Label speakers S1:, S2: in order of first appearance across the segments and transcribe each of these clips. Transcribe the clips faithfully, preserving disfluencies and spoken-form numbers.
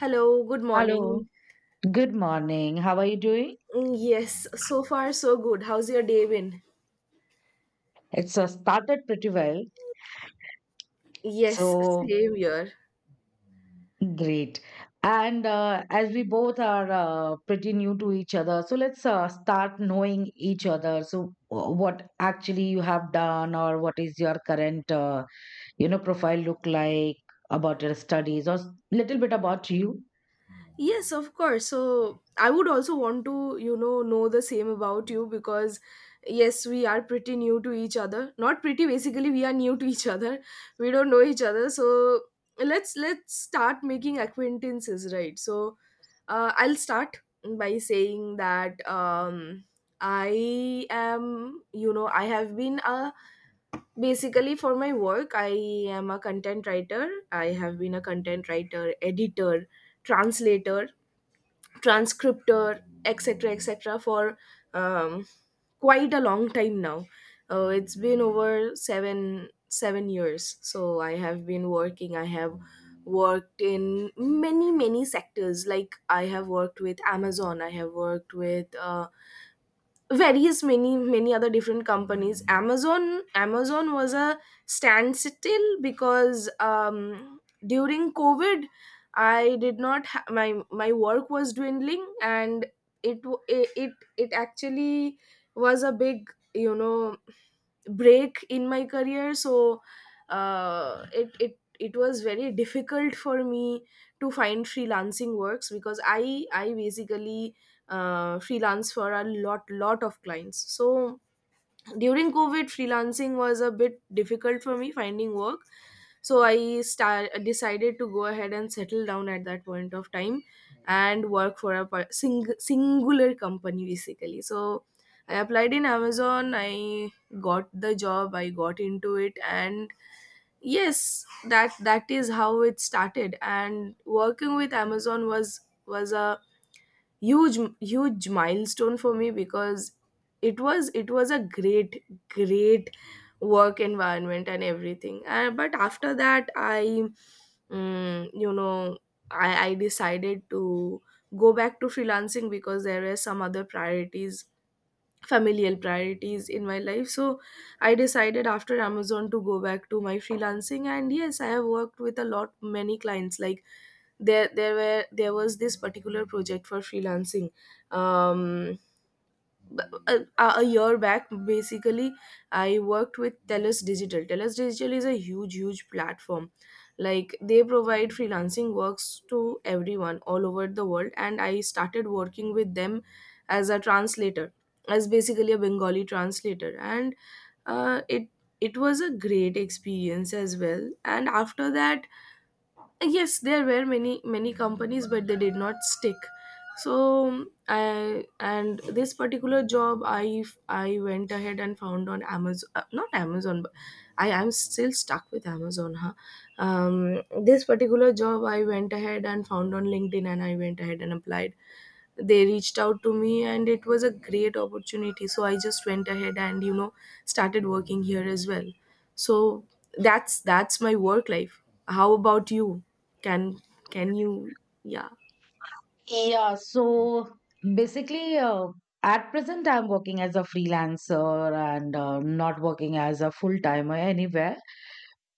S1: Hello, good
S2: Hello,
S1: morning.
S2: good morning. How are you doing?
S1: Mm, Yes, so far so good. How's your day been?
S2: It's uh, started pretty well,
S1: Yes,
S2: so
S1: same here.
S2: great. And uh, as we both are uh, pretty new to each other, so let's uh, start knowing each other. So, uh, what actually you have done, or what is your current, uh, you know, profile look like about your studies, or s- little bit about you.
S1: Yes, of course. So I would also want to, you know, know the same about you because yes, we are pretty new to each other. Not pretty, basically we are new to each other. We don't know each other. So let's let's start making acquaintances, right? So uh, I'll start by saying that um I am, you know, I have been a basically for my work I am a content writer. I have been a content writer, editor, translator, transcriptor, etcetera, etcetera, for um, quite a long time now. Uh, it's been over seven seven years. So I have been working. I have worked in many many sectors. Like I have worked with Amazon. I have worked with. Uh, various many many other different companies. Amazon amazon was a standstill because um during COVID I did not ha- my my work was dwindling and it w- it it it actually was a big, you know, break in my career. So uh, it it it was very difficult for me to find freelancing works because i i basically uh, freelance for a lot lot of clients. So during COVID freelancing was a bit difficult for me finding work, so i start, decided to go ahead and settle down at that point of time and work for a par- sing- singular company basically. So I applied in Amazon, I got the job, I got into it, and yes, that that is how it started. And working with Amazon was was a huge huge milestone for me because it was it was a great great work environment and everything. Uh, but after that i mm, you know I, I decided to go back to freelancing because there were some other priorities, familial priorities in my life. So I decided after Amazon to go back to my freelancing, and yes, I have worked with a lot many clients. Like there there were there was this particular project for freelancing. um b- a, a year back basically I worked with Telus Digital. Telus Digital is a huge huge platform. Like they provide freelancing works to everyone all over the world, and I started working with them as a translator, as basically a Bengali translator. And uh, it it was a great experience as well. And after that, yes, there were many many companies, but they did not stick. So um, I and this particular job i i went ahead and found on amazon uh, not Amazon, but I am still stuck with Amazon, huh. Um this particular job I went ahead and found on LinkedIn, and I went ahead and applied. They reached out to me and it was a great opportunity. So I just went ahead and, you know, started working here as well. So that's that's my work life. How about you? Can can you yeah
S2: Yeah, so basically, uh, at present, I'm working as a freelancer and uh, not working as a full timer anywhere.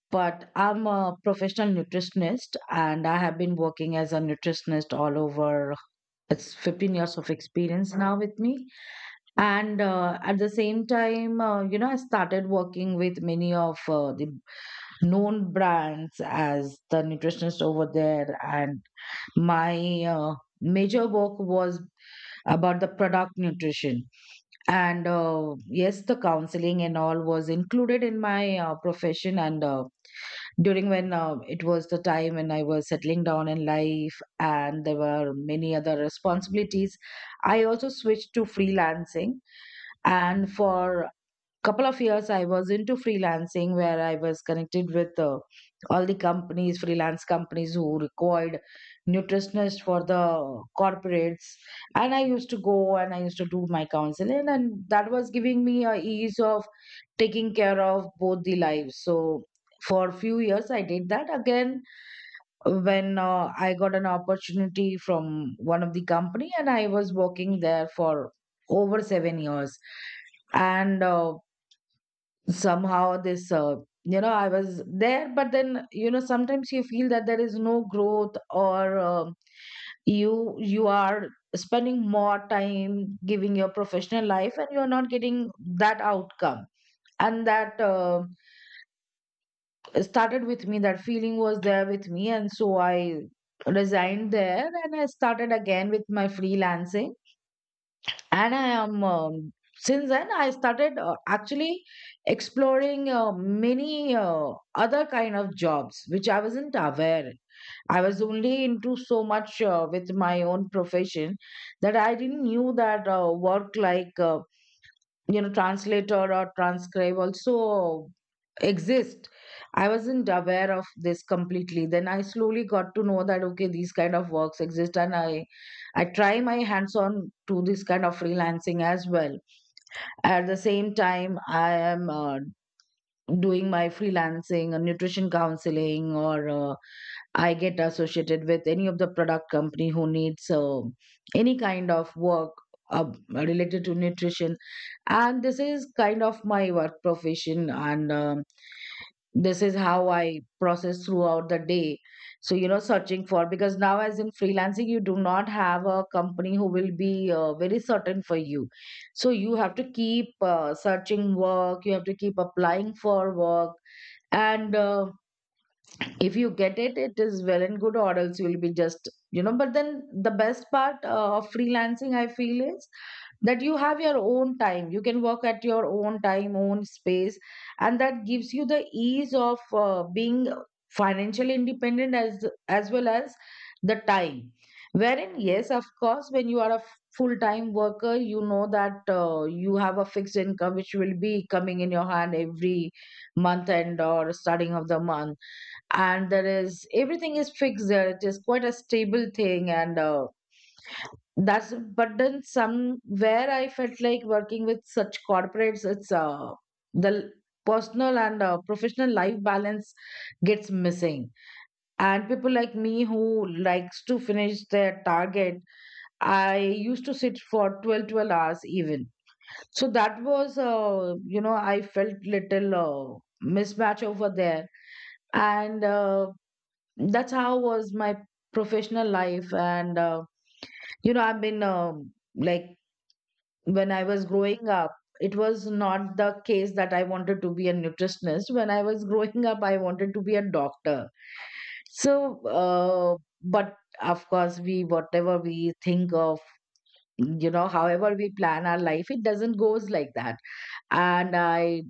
S2: But I'm a professional nutritionist and I have been working as a nutritionist all over. It's fifteen years of experience now with me. And uh, at the same time, uh, you know, I started working with many of uh, the known brands as the nutritionist over there. And my uh, major work was about the product nutrition. And uh, yes, the counseling and all was included in my uh, profession. And uh, during when uh, it was the time when I was settling down in life and there were many other responsibilities, I also switched to freelancing. And for couple of years I was into freelancing where I was connected with uh, all the companies, freelance companies who required nutritionists for the corporates, and I used to go and I used to do my counseling, and that was giving me a ease of taking care of both the lives. So for a few years I did that. Again, when uh, I got an opportunity from one of the company and I was working there for over seven years. And uh, somehow this, uh, you know, I was there, but then, you know, sometimes you feel that there is no growth, or um you, you are spending more time giving your professional life and you are not getting that outcome. And that, uh, started with me, that feeling was there with me, and so I resigned there and I started again with my freelancing. And I am, um, since then I started, uh, actually exploring uh, many uh, other kind of jobs which I wasn't aware. I was only into so much uh, with my own profession that I didn't knew that uh, work like, uh, you know translator or transcribe also exist. I wasn't aware of this completely. Then I slowly got to know that okay, these kind of works exist, and i i try my hands on to this kind of freelancing as well. At the same time I am, uh, doing my freelancing uh, nutrition counseling, or uh, I get associated with any of the product company who needs uh, any kind of work uh, related to nutrition. And this is kind of my work profession, and um, this is how I process throughout the day. So, you know, searching for, because now, as in freelancing, you do not have a company who will be uh, very certain for you. So, you have to keep uh, searching work, you have to keep applying for work, and uh, if you get it, it is well and good, or else you'll be just, you know. But then the best part uh, of freelancing I feel is that you have your own time, you can work at your own time, own space, and that gives you the ease of uh, being financially independent as as well as the time. Wherein yes, of course, when you are a full time worker, you know that uh, you have a fixed income which will be coming in your hand every month end or starting of the month, and there is, everything is fixed there, it is quite a stable thing. And uh, that's, but then somewhere I felt like working with such corporates, it's uh, the l- personal and uh, professional life balance gets missing, and people like me who likes to finish their target, I used to sit for twelve twelve hours even. So that was, uh, you know, I felt little uh, mismatch over there. And uh, that's how was my professional life. And uh, you know, I've been, um, like, when I was growing up, it was not the case that I wanted to be a nutritionist. When I was growing up, I wanted to be a doctor. So uh, but of course, we, whatever we think of, you know, however we plan our life, it doesn't goes like that. And I,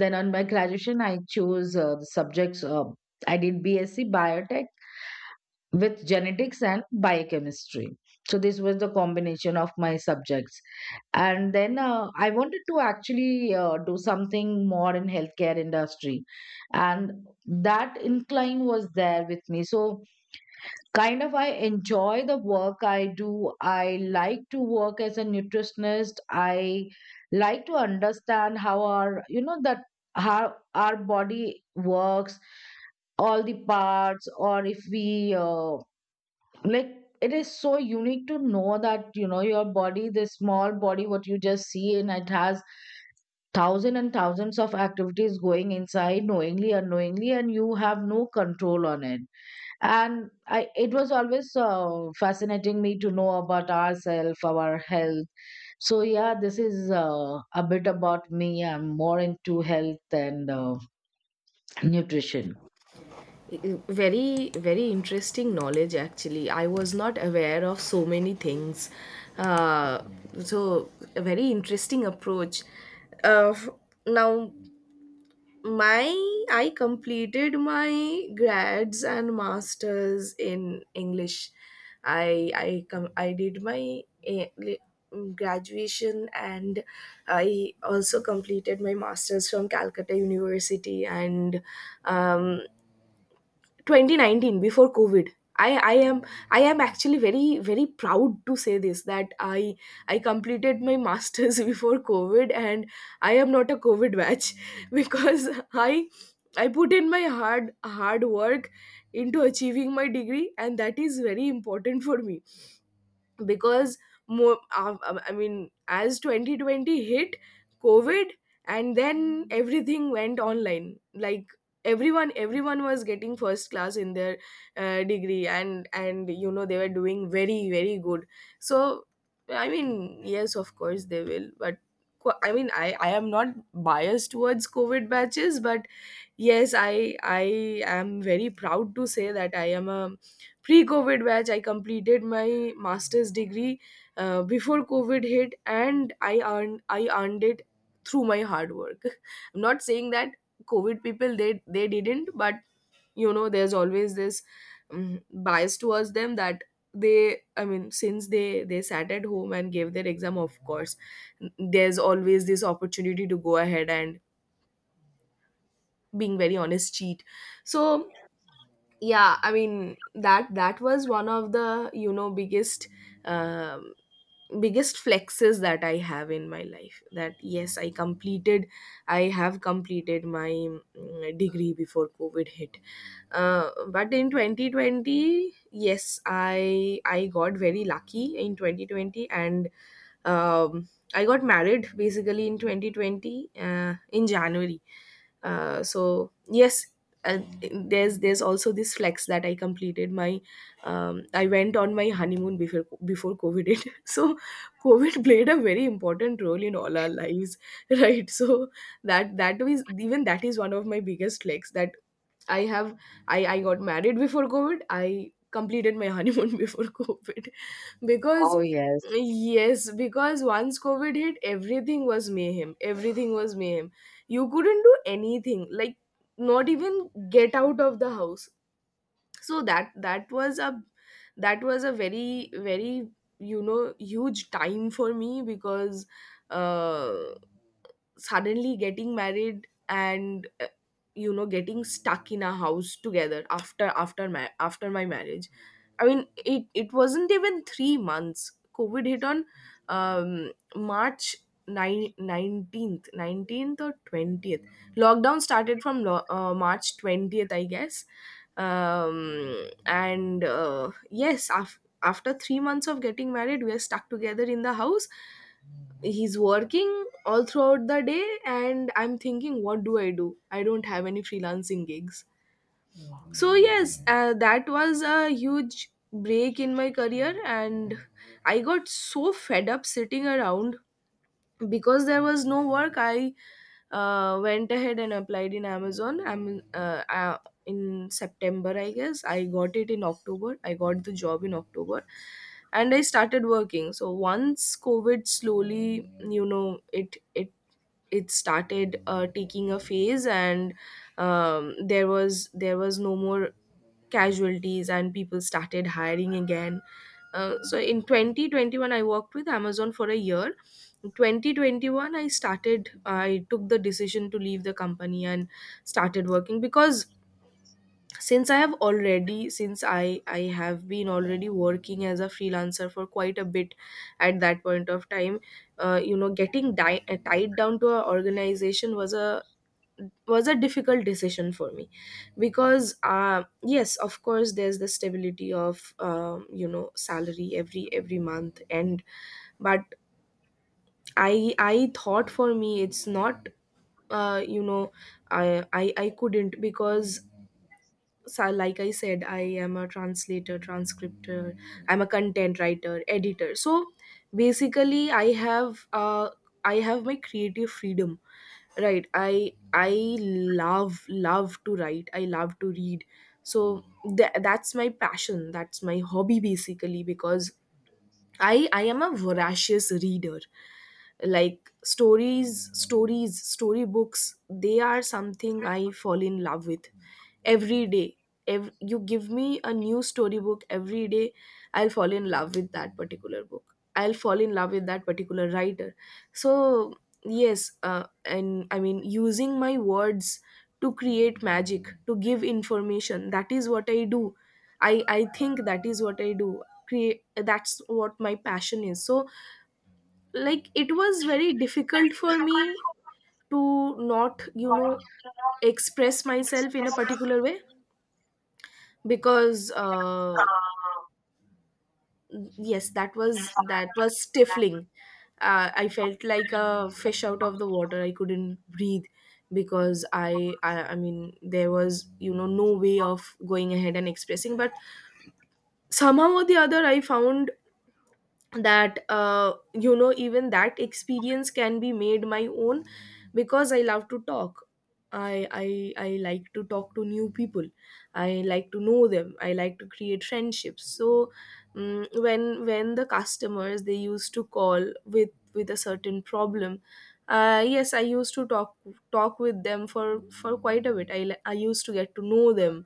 S2: then on my graduation, I chose uh, the subjects, uh, I did BSc biotech with genetics and biochemistry. So this was the combination of my subjects. And then uh, I wanted to actually uh, do something more in healthcare industry, and that incline was there with me. So kind of I enjoy the work I do. I like to work as a nutritionist. I like to understand how our, you know, that, how our body works, all the parts, or if we, uh, like, it is so unique to know that, you know, your body, this small body what you just see, and it has thousand and thousands of activities going inside knowingly unknowingly and you have no control on it. And I, it was always uh, fascinating me to know about ourselves, our health. So yeah, this is uh, a bit about me. I'm more into health and uh, nutrition.
S1: Very very interesting knowledge. Actually, I was not aware of so many things. uh, so a very interesting approach. uh, Now my— I completed my grads and masters in English. I i com- i did my A- li- graduation, and I also completed my masters from Calcutta University. And um, twenty nineteen, before COVID, i i am I am actually very very proud to say this, that i I completed my masters before COVID, and I am not a COVID batch because i I put in my hard hard work into achieving my degree, and that is very important for me. Because more uh, um, I mean, as twenty twenty hit COVID, and then everything went online, like everyone everyone was getting first class in their uh, degree, and and you know, they were doing very very good. So I mean, yes of course they will, but qu- I mean, i i am not biased towards COVID batches, but yes, i i am very proud to say that I am a pre-COVID batch. I completed my master's degree uh, before COVID hit, and i earned i earned it through my hard work. I'm not saying that COVID people they they didn't, but you know, there's always this um, bias towards them, that they I mean, since they they sat at home and gave their exam, of course there's always this opportunity to go ahead and, being very honest, cheat. So yeah, I mean, that that was one of the, you know, biggest um, biggest flexes that I have in my life, that yes, i completed I have completed my mm, degree before COVID hit. Uh, but in twenty twenty, yes, i i got very lucky in twenty twenty. And um, I got married basically in twenty twenty, uh, in January. Uh, so yes, uh, there's there's also this flex that I completed my um, I went on my honeymoon before before COVID hit. So COVID played a very important role in all our lives, right? So that that is even that is one of my biggest flex, that I have I I got married before COVID. I completed my honeymoon before COVID. Because
S2: Oh, yes.
S1: Yes, because once COVID hit, everything was mayhem. Everything was mayhem. You couldn't do anything, like not even get out of the house. So that that was a— that was a very very, you know, huge time for me because uh suddenly getting married, and uh, you know, getting stuck in a house together after after my after my marriage. I mean, it it wasn't even three months. COVID hit on um March nine nineteenth, nineteenth or twentieth. Lockdown started from lo- uh, March twentieth, I guess. um and uh, yes, af- after three months of getting married, we are stuck together in the house. He's working all throughout the day and I'm thinking, what do I do? I don't have any freelancing gigs. So yes, uh, that was a huge break in my career, and I got so fed up sitting around because there was no work. I uh, went ahead and applied in Amazon. I'm uh, uh, In September, I guess. I got it in October. I got the job in October, and I started working. So once COVID slowly, you know, it it it started uh, taking a phase, and um, there was there was no more casualties, and people started hiring again. Uh, so in twenty twenty-one, I worked with Amazon for a year. In twenty twenty-one, i started I took the decision to leave the company and started working. Because since i have already since i I have been already working as a freelancer for quite a bit at that point of time, uh, you know, getting di- tied down to an organization was a— was a difficult decision for me. Because uh, yes of course there's the stability of, um, you know, salary every every month, and but i i thought for me it's not, uh, you know, I, I i couldn't. Because sa- like I said, I am a translator, transcriptor, I'm a content writer, editor. So basically i have uh, I have my creative freedom, right? I i love love to write, I love to read. So tha- that's my passion, that's my hobby basically. Because i i am a voracious reader. Like stories stories storybooks, they are something I fall in love with every day. Ev- you give me a new storybook every day, I'll fall in love with that particular book, I'll fall in love with that particular writer. So yes, uh, and I mean, using my words to create magic, to give information, that is what I do. I i think that is what I do. Create. That's what my passion is. So like, it was very difficult for me to not, you know, express myself in a particular way. Because uh, yes, that was that was stifling. uh, I felt like a fish out of the water, I couldn't breathe. Because I, I i mean, there was, you know, no way of going ahead and expressing. But somehow or the other I found that, uh, you know, even that experience can be made my own. Because I love to talk, I, I i like to talk to new people, I like to know them, I like to create friendships. So mm when when the customers, they used to call with with a certain problem, uh, yes, I used to talk talk with them for for quite a bit. i li- I used to get to know them,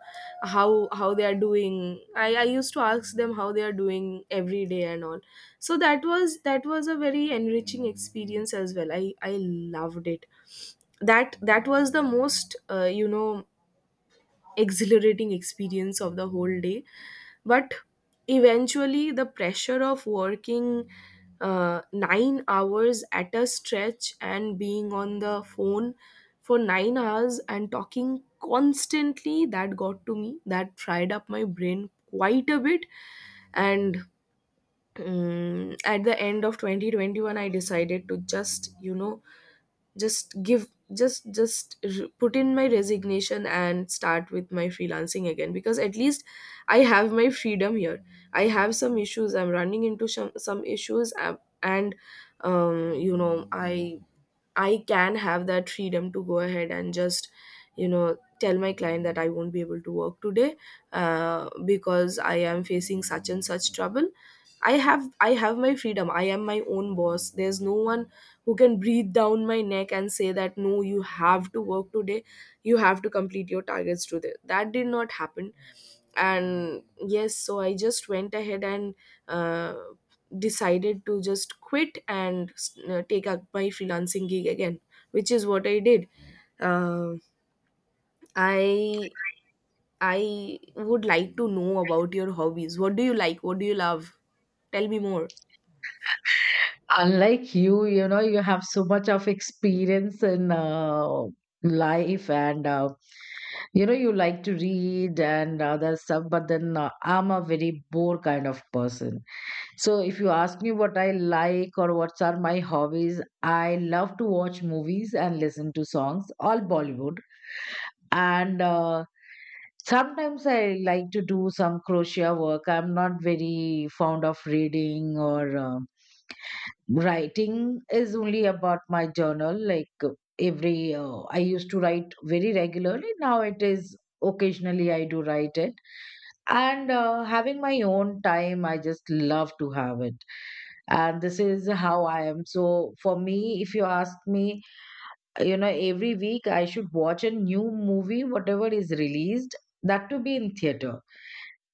S1: how how they are doing. I i used to ask them how they are doing every day and all. So that was that was a very enriching experience as well, i i loved it. That that was the most, uh, you know, exhilarating experience of the whole day. But eventually the pressure of working uh, nine hours at a stretch and being on the phone for nine hours and talking constantly, that got to me, that fried up my brain quite a bit. And Mm, at the end of twenty twenty-one I decided to just you know just give just just r put in my resignation and start with my freelancing again, because at least I have my freedom here. I have some issues, I'm running into some some issues, um, and um you know i I can have that freedom to go ahead and just, you know, tell my client that I won't be able to work today, uh, because I am facing such and such trouble. I have I have my freedom. I am my own boss. There's no one who can breathe down my neck and say that no, you have to work today. You have to complete your targets today. That did not happen. And yes, so I just went ahead and uh, decided to just quit and uh, take up my freelancing gig again, which is what I did. uh, i I would like to know about your hobbies. What do you like, what do you love? Tell me more.
S2: Unlike you, you know, you have so much of experience in, uh, life and, uh, you know, you like to read and other stuff, but then, uh, I'm a very bore kind of person. So if you ask me what I like or what are my hobbies, I love to watch movies and listen to songs, all Bollywood. And uh, sometimes I like to do some crochet work. I'm not very fond of reading or uh, writing is only about my journal. Like uh, every, uh, I used to write very regularly. Now it is occasionally I do write it. And uh, having my own time, I just love to have it. And this is how I am. So for me, if you ask me, you know, every week I should watch a new movie, whatever is released, that to be in theater.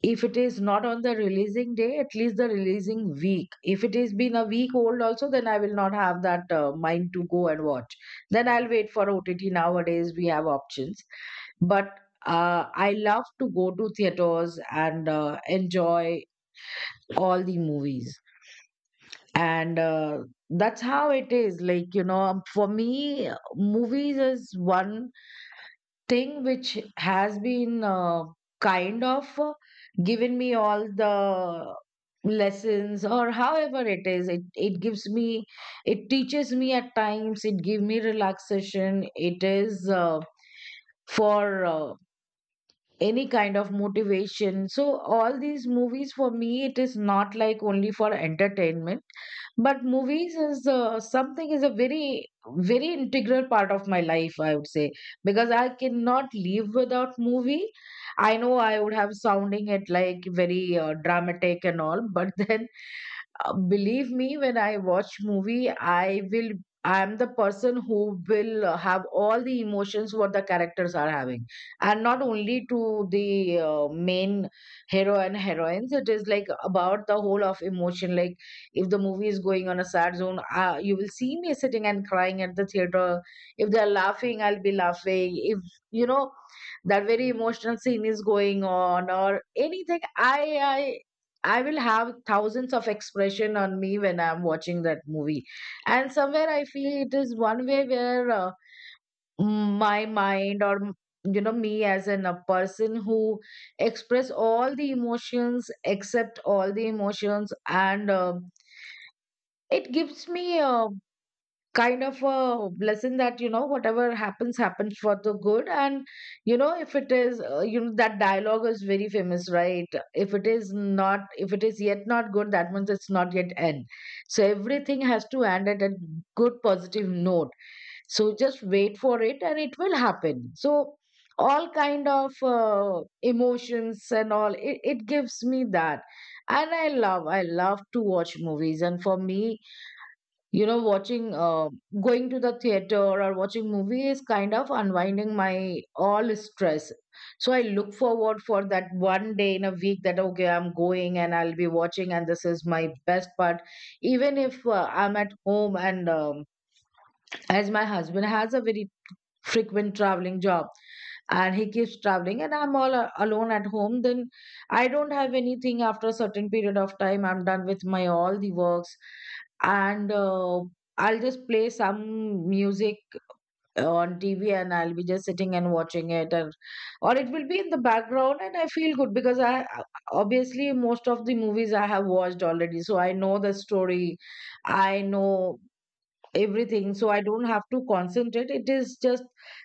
S2: If it is not on the releasing day, at least the releasing week. If it is been a week old also, then I will not have that uh, mind to go and watch. Then I'll wait for OTT. Nowadays we have options. But uh, I love to go to theaters and uh, enjoy all the movies. And uh, that's how it is. Like, you know, for me, movies is one thing which has been, uh, kind of uh, given me all the lessons. Or however it is, it it gives me, it teaches me at times, it give me relaxation. It is uh, for uh, any kind of motivation. So all these movies for me, it is not like only for entertainment, but movies is uh, something, is a very very integral part of my life, I would say, because I cannot live without movie. I know I would have sounding it like very uh, dramatic and all, but then uh, believe me, when I watch movie, i will i am the person who will uh, have all the emotions what the characters are having. And not only to the uh, main hero and heroines, it is like about the whole of emotion. Like if the movie is going on a sad zone, uh, you will see me sitting and crying at the theater. If they're laughing, I'll be laughing. If, you know, that very emotional scene is going on, or anything, i i I will have thousands of expression on me when I'm watching that movie. And somewhere I feel it is one way where uh, my mind or m- you know, me as in a person who express all the emotions, accept all the emotions. And uh, it gives me a kind of a lesson that, you know, whatever happens happens for the good. And you know, if it is, uh, you know that dialogue is very famous, right? If it is not, if it is yet not good, that means it's not yet end. So everything has to end at a good positive note. So just wait for it and it will happen. So all kind of uh, emotions and all, it, it gives me that. And I love, I love to watch movies. And for me, you know, watching uh, going to the theater or watching movie is kind of unwinding my all stress. So I look forward for that one day in a week, that okay, I'm going and I'll be watching, and this is my best part. Even if uh, I'm at home, and um, as my husband has a very frequent traveling job, and he keeps traveling and I'm all a- alone at home, then I don't have anything. After a certain period of time, I'm done with my all the works. And uh, I'll just play some music on TV and I'll be just sitting and watching it, and or it will be in the background and I feel good because I obviously most of the movies I have watched already, so I know the story. I know everything, so I don't have to concentrate. It is just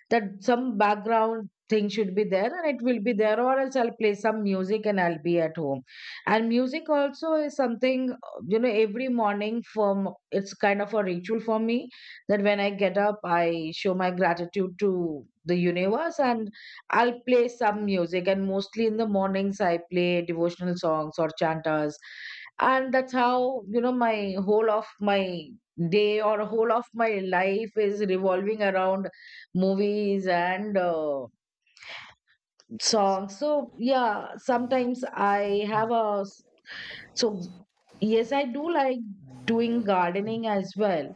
S2: that some background thing should be there and it will be there, or else I'll play some music and I'll be at home. And music also is something, uh, you know, every morning from it's kind of a ritual for me that when I get up I show my gratitude to the universe, and I'll play some music, and mostly in the mornings I play devotional songs or chantas. And that's how, you know, my whole of my day or whole of my life is revolving around movies and uh, songs. So yeah, sometimes I have a s- so yes I do like doing gardening as well,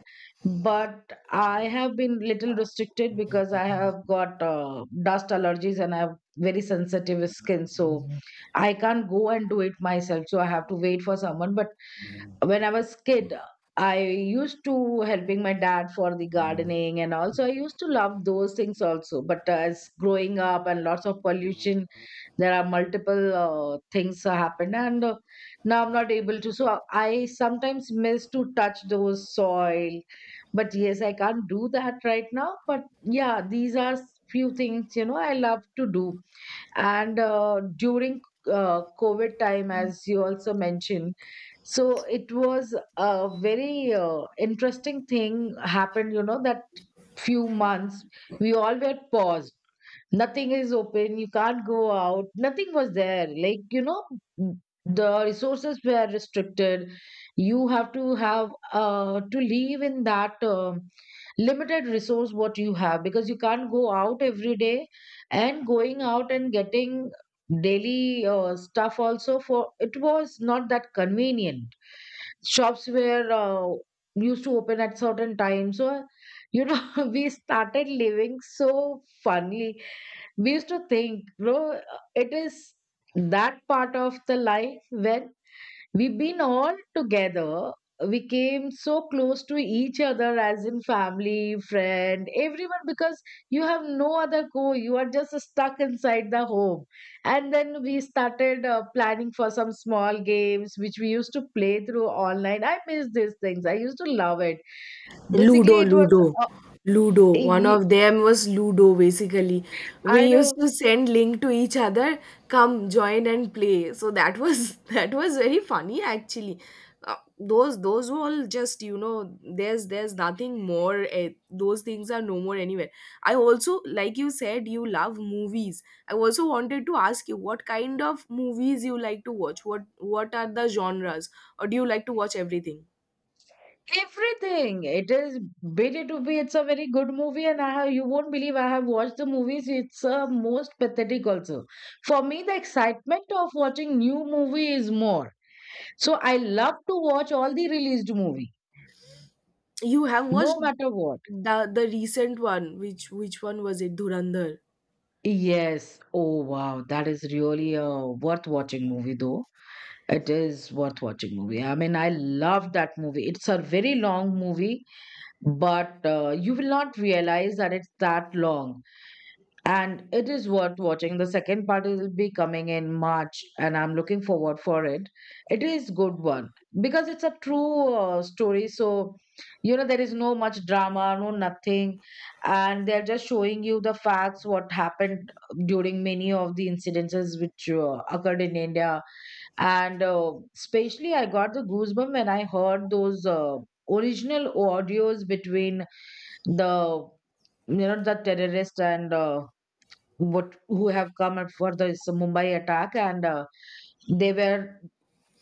S2: but I have been little restricted because I have got uh, dust allergies and I have very sensitive skin, so I can't go and do it myself, so I have to wait for someone. But when I was kid, I used to helping my dad for the gardening, and also I used to love those things also. But as growing up and lots of pollution, there are multiple uh, things happened, and uh, now I'm not able to. So I sometimes miss to touch those soil. But yes, I can't do that right now. But yeah, these are few things, you know, I love to do. And uh, during uh, covid time, as you also mentioned, so it was a very uh, interesting thing happened, you know, that few months we all were paused. Nothing is open, you can't go out, nothing was there, like, you know, the resources were restricted. You have to have uh, to live in that um limited resource what you have, because you can't go out every day. And going out and getting daily uh, stuff also for it was not that convenient. Shops were uh, used to open at certain times. So you know, we started living so funny. We used to think, bro, it is that part of the life when we've been all together. We came so close to each other, as in family, friend, everyone, because you have no other go, you are just stuck inside the home. And then we started uh, planning for some small games which we used to play through online. I miss these things, I used to love it. Basically
S1: Ludo,
S2: it was
S1: Ludo,
S2: uh,
S1: Ludo. One
S2: y-
S1: of them was Ludo, basically. We
S2: I
S1: used
S2: know.
S1: to send link to each other, come join and play. So that was that was very funny, actually. Uh, those those were all, just you know there's there's nothing more. Eh, those things are no more anywhere. I also, like you said, you love movies. I also wanted to ask you what kind of movies you like to watch. What what are the genres, or do you like to watch everything?
S2: Everything. It is bid to be. It's a very good movie, and I have, you won't believe, I have watched the movies. It's uh, most pathetic also. For me, the excitement of watching new movie is more. So I love to watch all the released movie,
S1: You have watched
S2: no matter what.
S1: the the recent one. Which which one was it? Dhurandhar.
S2: Yes. Oh wow, that is really a worth watching movie though. It is worth watching movie. I mean, I love that movie. It's a very long movie, but uh, you will not realize that it's that long. And it is worth watching. The second part will be coming in March, and I'm looking forward for it. It is good one because it's a true uh, story. So you know, there is no much drama, no nothing, and they're just showing you the facts what happened during many of the incidences which uh, occurred in India. And uh, especially I got the goosebump when I heard those uh, original audios between the, you know, the terrorist, and uh, what who have come up for this Mumbai attack. And uh, they were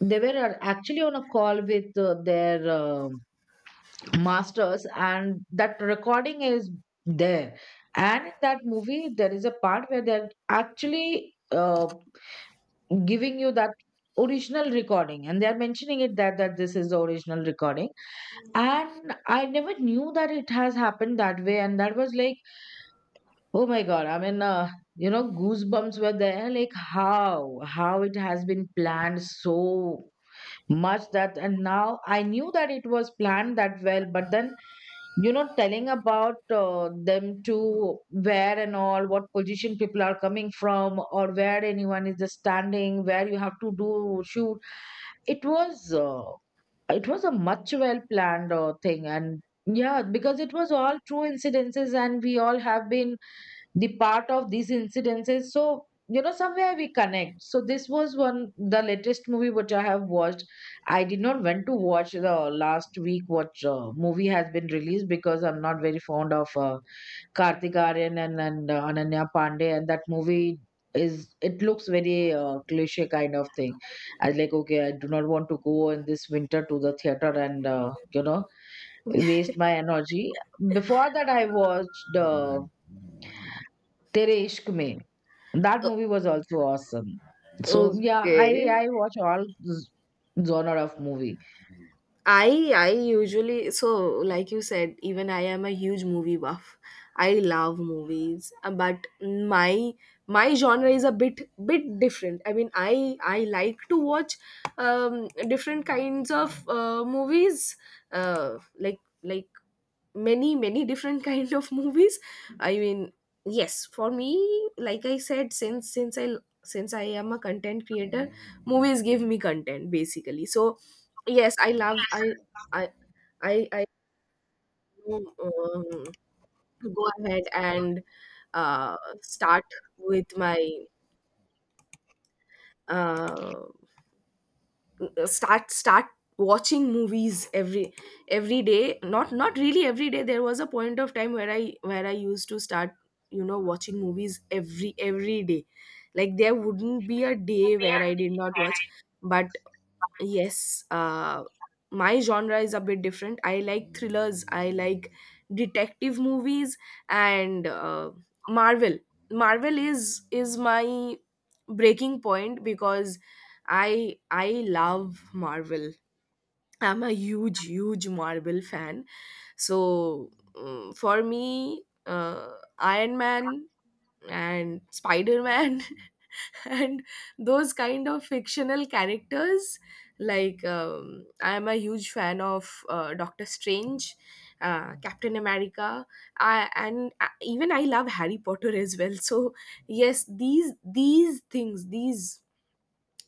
S2: they were uh, actually on a call with uh, their uh, masters, and that recording is there. And in that movie, there is a part where they're actually uh, giving you that original recording, and they're mentioning it that that this is the original recording. And I never knew that it has happened that way, and that was like, oh my God. I mean, uh, you know, goosebumps were there. Like, how? How it has been planned so much that, and now I knew that it was planned that well, but then, you know, telling about uh, them to where and all, what position people are coming from, or where anyone is just standing, where you have to do, shoot. It was. Uh, it was a much well planned uh, thing. And yeah, because it was all true incidences and we all have been the part of these incidences, so you know, somewhere we connect. So this was one, the latest movie which I have watched. I did not went to watch the last week what uh, movie has been released, because I'm not very fond of uh, Kartik Aryan and, and uh, Ananya Pandey, and that movie is, it looks very uh, cliche kind of thing. I was like, okay, I do not want to go in this winter to the theater and uh, you know, waste my energy. Before that I watched uh, Tere Ishq Mein. That
S1: Uh,
S2: movie was also awesome. So yeah, I
S1: okay.
S2: I watch all z- genre of movie.
S1: I I usually, so, like you said, even I am a huge movie buff. I love movies, uh, but my my genre is a bit bit different. I mean, I I like to watch um, different kinds of uh, movies, uh, like like many many different kind of movies. I mean, yes, for me, like I said, since since i since I am a content creator, movies give me content, basically. So yes, I love, i i i, I do, um, go ahead and uh, start with my uh, uh, start start watching movies every every day. Not not really every day. There was a point of time where i where I used to start, you know, watching movies every every day. Like, there wouldn't be a day where I did not watch. But yes, uh, my genre is a bit different. I like thrillers, I like detective movies, and uh, Marvel. Marvel is is my breaking point, because I I love Marvel. I'm a huge huge Marvel fan. So um, for me, uh, Iron Man and Spider Man and those kind of fictional characters. Like, um, I'm a huge fan of uh, Doctor Strange, uh, Captain America, I, and I, even I love Harry Potter as well. So yes, these these things these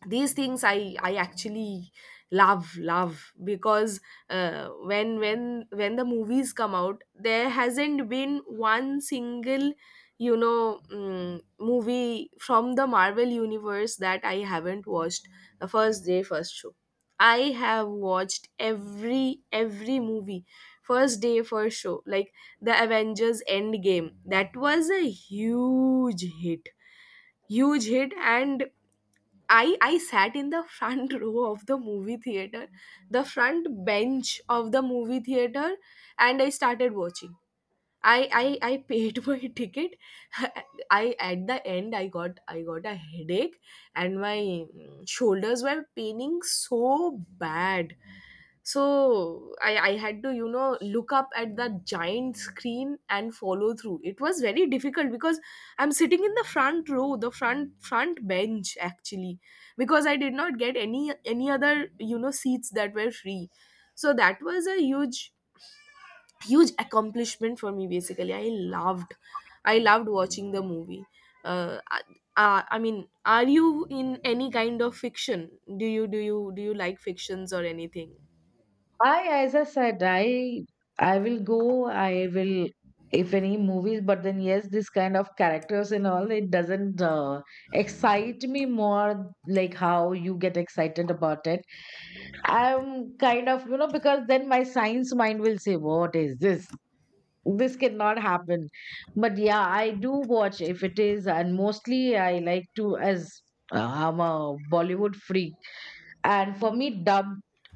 S1: these things I i actually love love, because uh, when when when the movies come out, there hasn't been one single, you know, mm movie from the Marvel universe that I haven't watched the first day, first show. I have watched every every movie first day, first show. Like, the Avengers Endgame, that was a huge hit huge hit. And I I sat in the front row of the movie theater, the front bench of the movie theater, and I started watching. I I I paid my ticket. I, at the end, I got I got a headache, and my mm, shoulders were paining so bad. So I I had to, you know, look up at the giant screen and follow through. It was very difficult because I'm sitting in the front row, the front front bench, actually, because I did not get any any other, you know, seats that were free. So that was a huge huge accomplishment for me. Basically, i loved I loved watching the movie. uh, I, uh, I mean, are you in any kind of fiction? Do you do you do you like fictions or anything?
S2: I, as I said, I I will go. I will if any movies, but then yes, this kind of characters and all, it doesn't uh, excite me more like how you get excited about it. I'm kind of, you know, because then my science mind will say, what is this? This cannot happen. But yeah, I do watch if it is. And mostly I like to, as uh, I'm a Bollywood freak. And for me, dub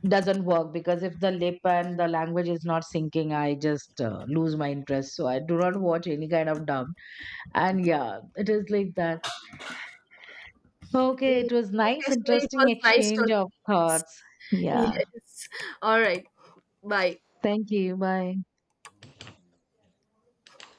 S2: doesn't work, because if the lip and the language is not syncing, I just uh, lose my interest, so I do not watch any kind of dub. And yeah, it is like that. Okay,
S1: Mm,
S2: it was
S1: okay,
S2: nice
S1: so it
S2: interesting
S1: was nice
S2: exchange
S1: talking.
S2: of
S1: Yes.
S2: thoughts. Yeah,
S1: Yes. All right. Bye.
S2: thank you, bye.